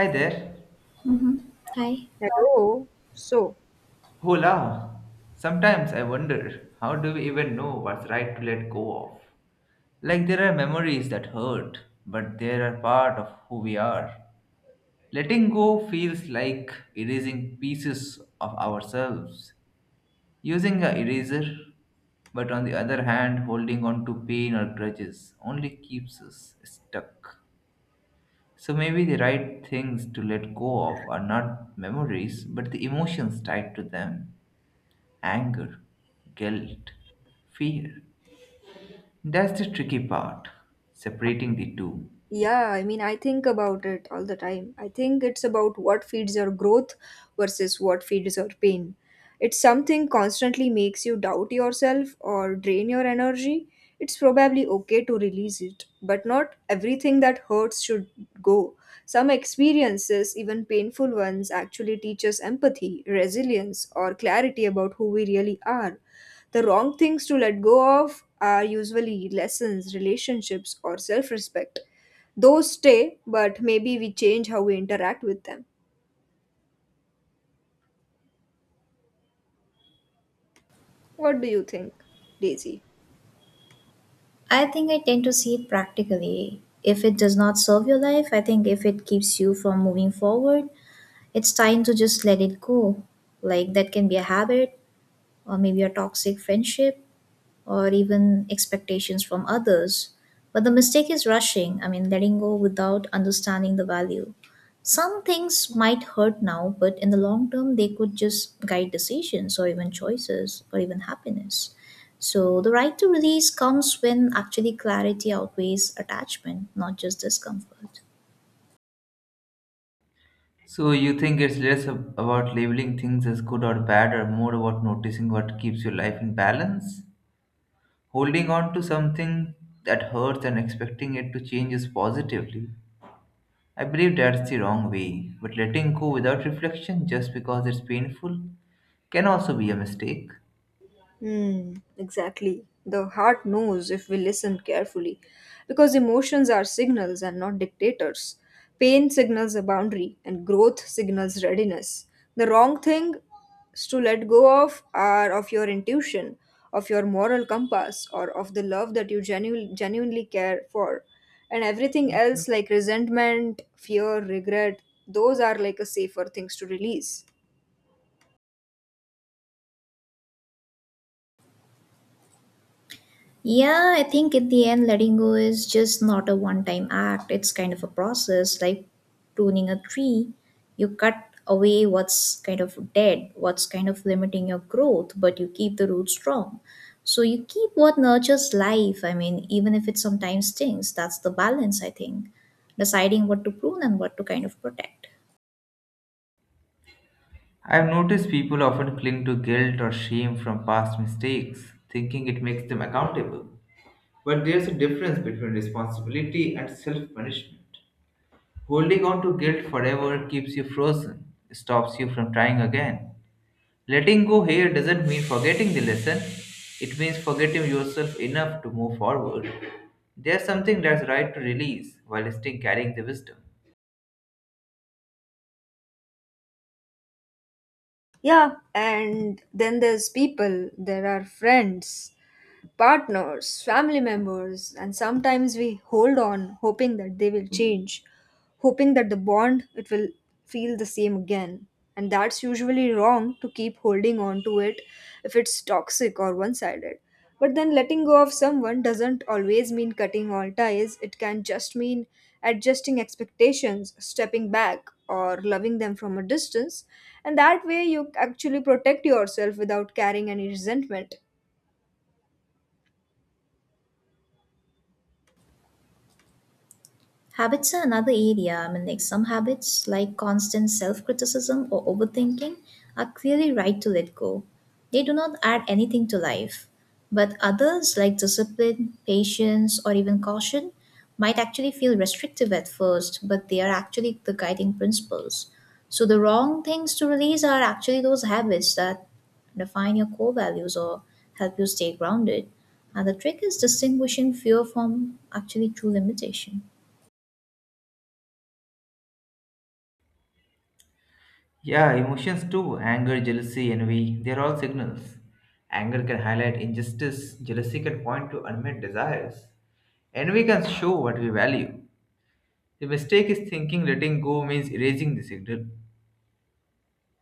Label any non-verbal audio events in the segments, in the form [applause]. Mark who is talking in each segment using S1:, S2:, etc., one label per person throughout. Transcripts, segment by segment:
S1: Hi there.
S2: Mm-hmm. Hi.
S3: Hello. So,
S1: Hola. Sometimes I wonder, how do we even know what's right to let go of? Like, there are memories that hurt, but they are part of who we are. Letting go feels like erasing pieces of ourselves, using a eraser, but on the other hand, holding on to pain or grudges only keeps us stuck. So maybe the right things to let go of are not memories, but the emotions tied to them: anger, guilt, fear. That's the tricky part, separating the two.
S3: Yeah, I think about it all the time. I think it's about what feeds your growth versus what feeds your pain. It's something constantly makes you doubt yourself or drain your energy. It's probably okay to release it, but not everything that hurts should go. Some experiences, even painful ones, actually teach us empathy, resilience, or clarity about who we really are. The wrong things to let go of are usually lessons, relationships, or self respect those stay, but maybe we change how we interact with them. What do you think, Daisy?
S2: I think I tend to see it practically. If it does not serve your life, I think if it keeps you from moving forward, it's time to just let it go. Like that can be a habit or maybe a toxic friendship or even expectations from others. But the mistake is rushing, letting go without understanding the value. Some things might hurt now, but in the long term, they could just guide decisions or even choices or even happiness. So the right to release comes when actually clarity outweighs attachment, not just discomfort.
S1: So, you think it's less about labeling things as good or bad, or more about noticing what keeps your life in balance? Holding on to something that hurts and expecting it to change us positively, I believe that's the wrong way, but letting go without reflection just because it's painful can also be a mistake.
S3: Hmm, exactly. The heart knows if we listen carefully, because emotions are signals and not dictators. Pain signals a boundary, and growth signals readiness. The wrong things to let go of are of your intuition, of your moral compass, or of the love that you genuinely care for. And everything else, like resentment, fear, regret, those are like a safer things to release.
S2: Yeah, I think in the end, letting go is just not a one time act. It's kind of a process like pruning a tree. You cut away what's kind of dead, what's kind of limiting your growth, but you keep the roots strong. So you keep what nurtures life. I mean, even if it sometimes stings, that's the balance, I think. Deciding what to prune and what to kind of protect.
S1: I've noticed people often cling to guilt or shame from past mistakes, thinking it makes them accountable. But there's a difference between responsibility and self punishment. Holding on to guilt forever keeps you frozen, stops you from trying again. Letting go here doesn't mean forgetting the lesson, it means forgetting yourself enough to move forward. There's something that's right to release while still carrying the wisdom.
S3: Yeah, and then there's people, there are friends, partners, family members, and sometimes we hold on hoping that they will change, hoping that the bond it will feel the same again. And that's usually wrong to keep holding on to it if it's toxic or one sided. But then letting go of someone doesn't always mean cutting all ties, it can just mean adjusting expectations, stepping back, or loving them from a distance. And that way, you actually protect yourself without carrying any resentment.
S2: Habits are another area. I mean, like some habits, like constant self criticism or overthinking, are clearly right to let go. They do not add anything to life. But others, like discipline, patience, or even caution, might actually feel restrictive at first, but they are actually the guiding principles. So, the wrong things to release are actually those habits that define your core values or help you stay grounded. And the trick is distinguishing fear from actually true limitation.
S1: Yeah, emotions too: anger, jealousy, envy, they're all signals. Anger can highlight injustice, jealousy can point to unmet desires. Envy can show what we value. The mistake is thinking letting go means erasing the signal.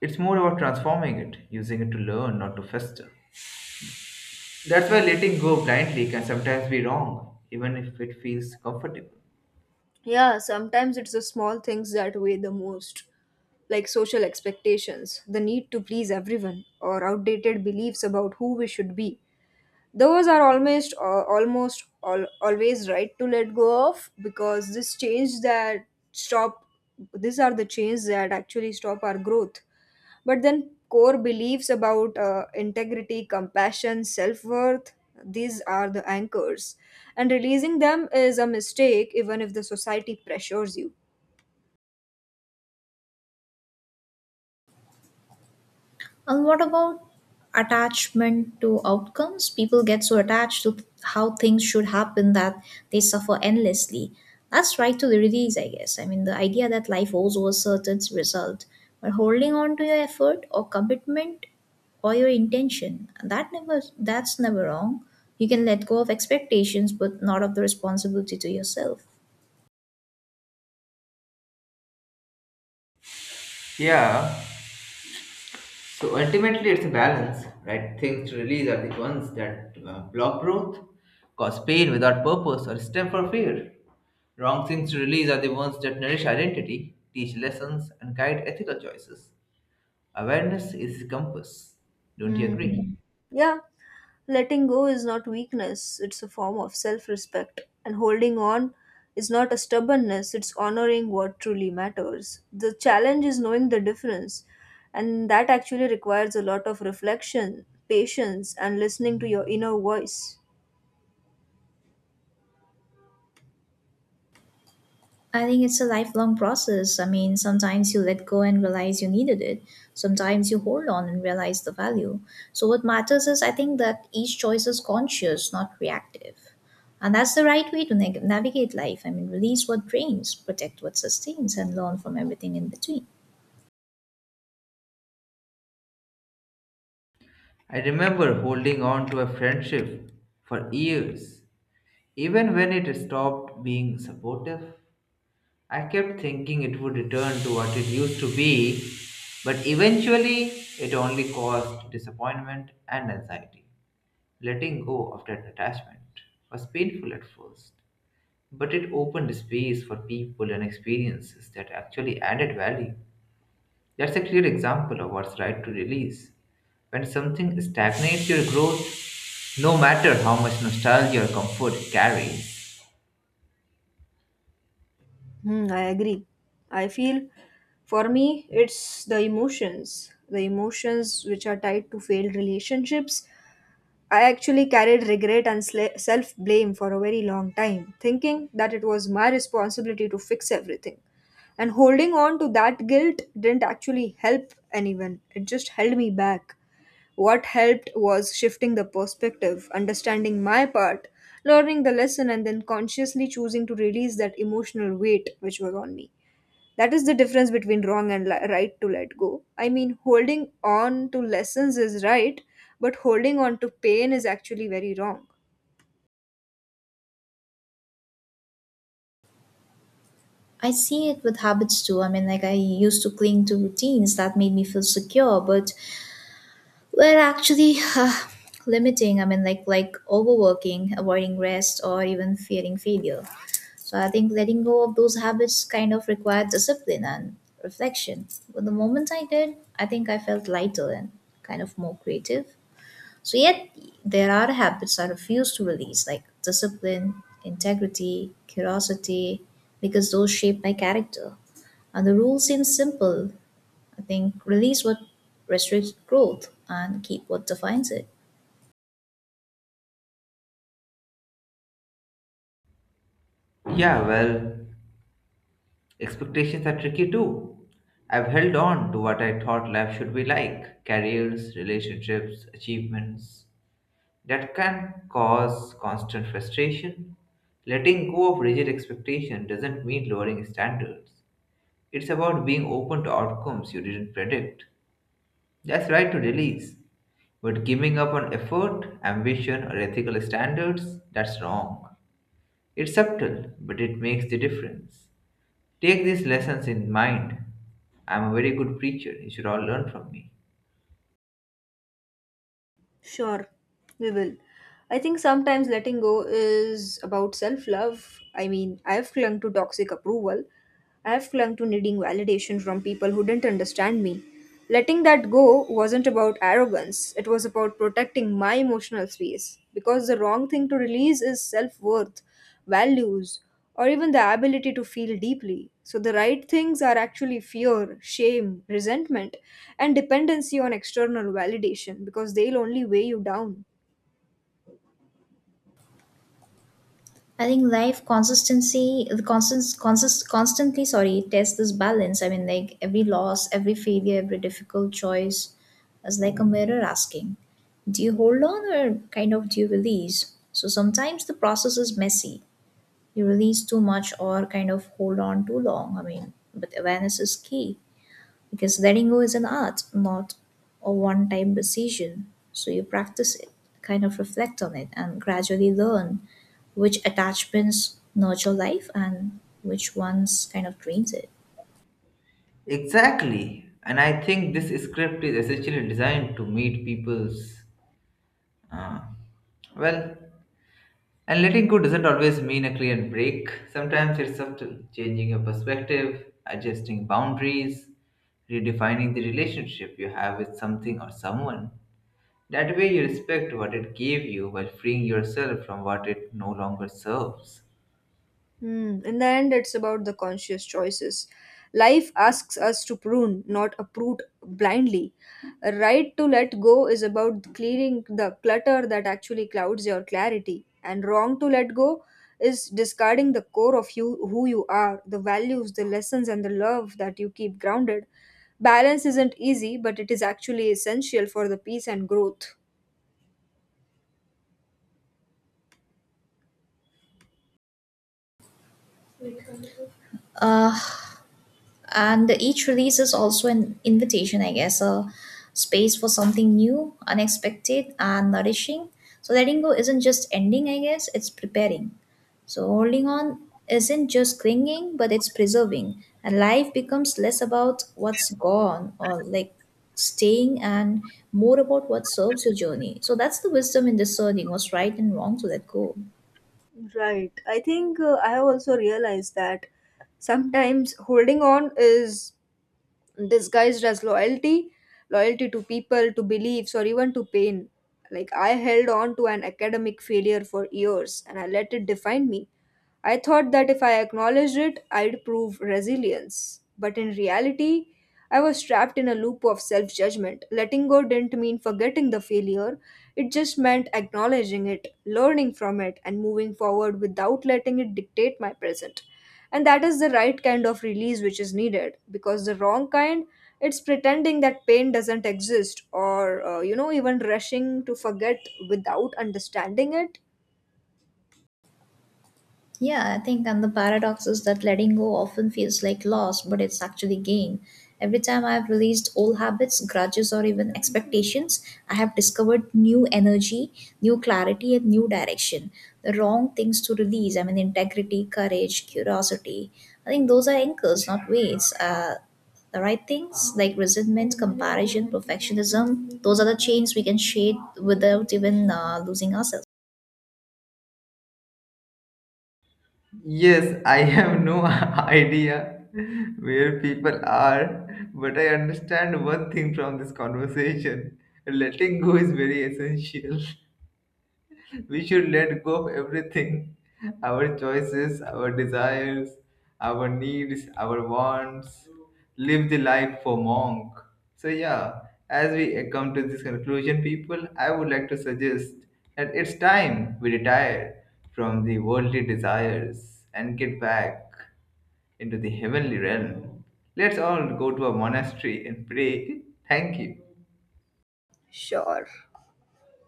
S1: It's more about transforming it, using it to learn, not to fester. That's why letting go blindly can sometimes be wrong, even if it feels comfortable.
S3: Yeah, sometimes it's the small things that weigh the most, like social expectations, the need to please everyone, or outdated beliefs about who we should be. Those are almost almost all, always right to let go of because this change that stop these are the change that actually stop our growth. But then core beliefs about integrity, compassion, self worth, these are the anchors. And releasing them is a mistake even if the society pressures you.
S2: And what about attachment to outcomes? People get so attached to how things should happen that they suffer endlessly. That's right to the release, I guess. I mean, the idea that life owes a certain result, but holding on to your effort or commitment or your intention, that's never wrong. You can let go of expectations, but not of the responsibility to yourself.
S1: Yeah, so ultimately, it's a balance, right? Things to release are the ones that block growth, cause pain without purpose, or stem for fear. Wrong things to release are the ones that nourish identity, teach lessons, and guide ethical choices. Awareness is the compass. Don't you
S3: Hmm.
S1: agree?
S3: Yeah, letting go is not weakness, it's a form of self respect. And holding on is not a stubbornness, it's honoring what truly matters. The challenge is knowing the difference, and that actually requires a lot of reflection, patience, and listening to your inner voice.
S2: I think it's a lifelong process. I mean, sometimes you let go and realize you needed it. Sometimes you hold on and realize the value. So, what matters is I think that each choice is conscious, not reactive. And that's the right way to navigate life. I mean, release what drains, protect what sustains, and learn from everything in between.
S1: I remember holding on to a friendship for years, even when it stopped being supportive. I kept thinking it would return to what it used to be, but eventually it only caused disappointment and anxiety. Letting go of that attachment was painful at first, but it opened space for people and experiences that actually added value. That's a clear example of what's right to release, when something stagnates your growth, no matter how much nostalgia or comfort it carries.
S3: Hmm, I agree. I feel for me, it's the emotions which are tied to failed relationships. I actually carried regret and self blame for a very long time, thinking that it was my responsibility to fix everything. And holding on to that guilt didn't actually help anyone, it just held me back. What helped was shifting the perspective, understanding my part, learning the lesson, and then consciously choosing to release that emotional weight which was on me. That is the difference between wrong and right to let go. Holding on to lessons is right, but holding on to pain is actually very wrong.
S2: I see it with habits too. I mean, like I used to cling to routines that made me feel secure, but well, actually, limiting. I mean, like overworking, avoiding rest, or even fearing failure. So I think letting go of those habits kind of required discipline and reflection. But the moment I did, I think I felt lighter and kind of more creative. So yet there are habits I refuse to release, like discipline, integrity, curiosity, because those shape my character. And the rule seems simple, I think release what restricts growth and keep what defines it.
S1: Yeah, well, expectations are tricky too. I've held on to what I thought life should be like, careers, relationships, achievements, that can cause constant frustration. Letting go of rigid expectation doesn't mean lowering standards. It's about being open to outcomes you didn't predict. That's right to release, but giving up on effort, ambition, or ethical standards, that's wrong. It's subtle, but it makes the difference. Take these lessons in mind. I'm a very good preacher. You should all learn from me.
S3: Sure, we will. I think sometimes letting go is about self love. I've clung to toxic approval, I've clung to needing validation from people who didn't understand me. Letting that go wasn't about arrogance, it was about protecting my emotional space. Because the wrong thing to release is self worth, values, or even the ability to feel deeply. So, the right things are actually fear, shame, resentment, and dependency on external validation because they'll only weigh you down.
S2: I think life consistency, constantly, sorry, test this balance. I mean, like every loss, every failure, every difficult choice is like a mirror asking, do you hold on or kind of do you release? So sometimes the process is messy. You release too much or kind of hold on too long. I mean, but awareness is key. Because letting go is an art, not a one time decision. So you practice it, kind of reflect on it, and gradually learn which attachments nurture life and which ones kind of drains it.
S1: Exactly. And I think this script is essentially designed to meet people's. Uh, well, and letting go doesn't always mean a clear break. Sometimes it's subtle, changing your perspective, adjusting boundaries, redefining the relationship you have with something or someone. That way, you respect what it gave you while freeing yourself from what it no longer serves.
S3: Hmm. In the end, it's about the conscious choices. Life asks us to prune, not uproot blindly. A right to let go is about clearing the clutter that actually clouds your clarity, and wrong to let go is discarding the core of you, who you are, the values, the lessons, and the love that you keep grounded. Balance isn't easy, but it is actually essential for the peace and growth.
S2: Uh, and each release is also an invitation, I guess, a space for something new, unexpected, and nourishing. So letting go isn't just ending, I guess, it's preparing. So holding on isn't just clinging, but it's preserving, and life becomes less about what's gone or like staying, and more about what serves your journey. So that's the wisdom in discerning what's right and wrong to let go.
S3: Right. I think I have also realized that sometimes holding on is disguised as loyalty loyalty to people to beliefs or even to pain like I held on to an academic failure for years and I let it define me. I thought that if I acknowledged it I'd prove resilience, but in reality I was trapped in a loop of self-judgment. Letting go didn't mean forgetting the failure, it just meant acknowledging it, learning from it, and moving forward without letting it dictate my present. And that is the right kind of release which is needed, because the wrong kind it's pretending that pain doesn't exist or even rushing to forget without understanding it.
S2: Yeah, I think, and the paradox is that letting go often feels like loss, but it's actually gain. Every time I've released old habits, grudges, or even expectations, I have discovered new energy, new clarity, and new direction. The wrong things to release, I mean, integrity, courage, curiosity. I think those are anchors, not weights. The right things like resentment, comparison, perfectionism, those are the chains we can shade without even losing ourselves.
S1: Yes, I have no [laughs] idea where people are, but I understand one thing from this conversation. Letting go is very essential. We should let go of everything, [laughs] our choices, our desires, our needs, our wants. Live the life for monk. So, yeah, as we come to this conclusion, people, I would like to suggest that it's time we retire from the worldly desires and get back into the heavenly realm. Let's all go to a monastery and pray. Thank you.
S3: Sure,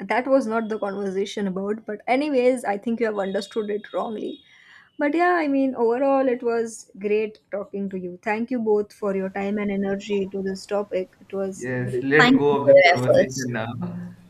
S3: that was not the conversation about, but anyways I think you have understood it wrongly. But yeah, overall it was great talking to you. Thank you both for your time and energy to this topic. It was
S1: Yes,
S3: great.
S1: let
S2: Thank you
S1: go of
S2: for
S1: this
S2: your
S1: conversation
S2: efforts.
S1: now. [laughs]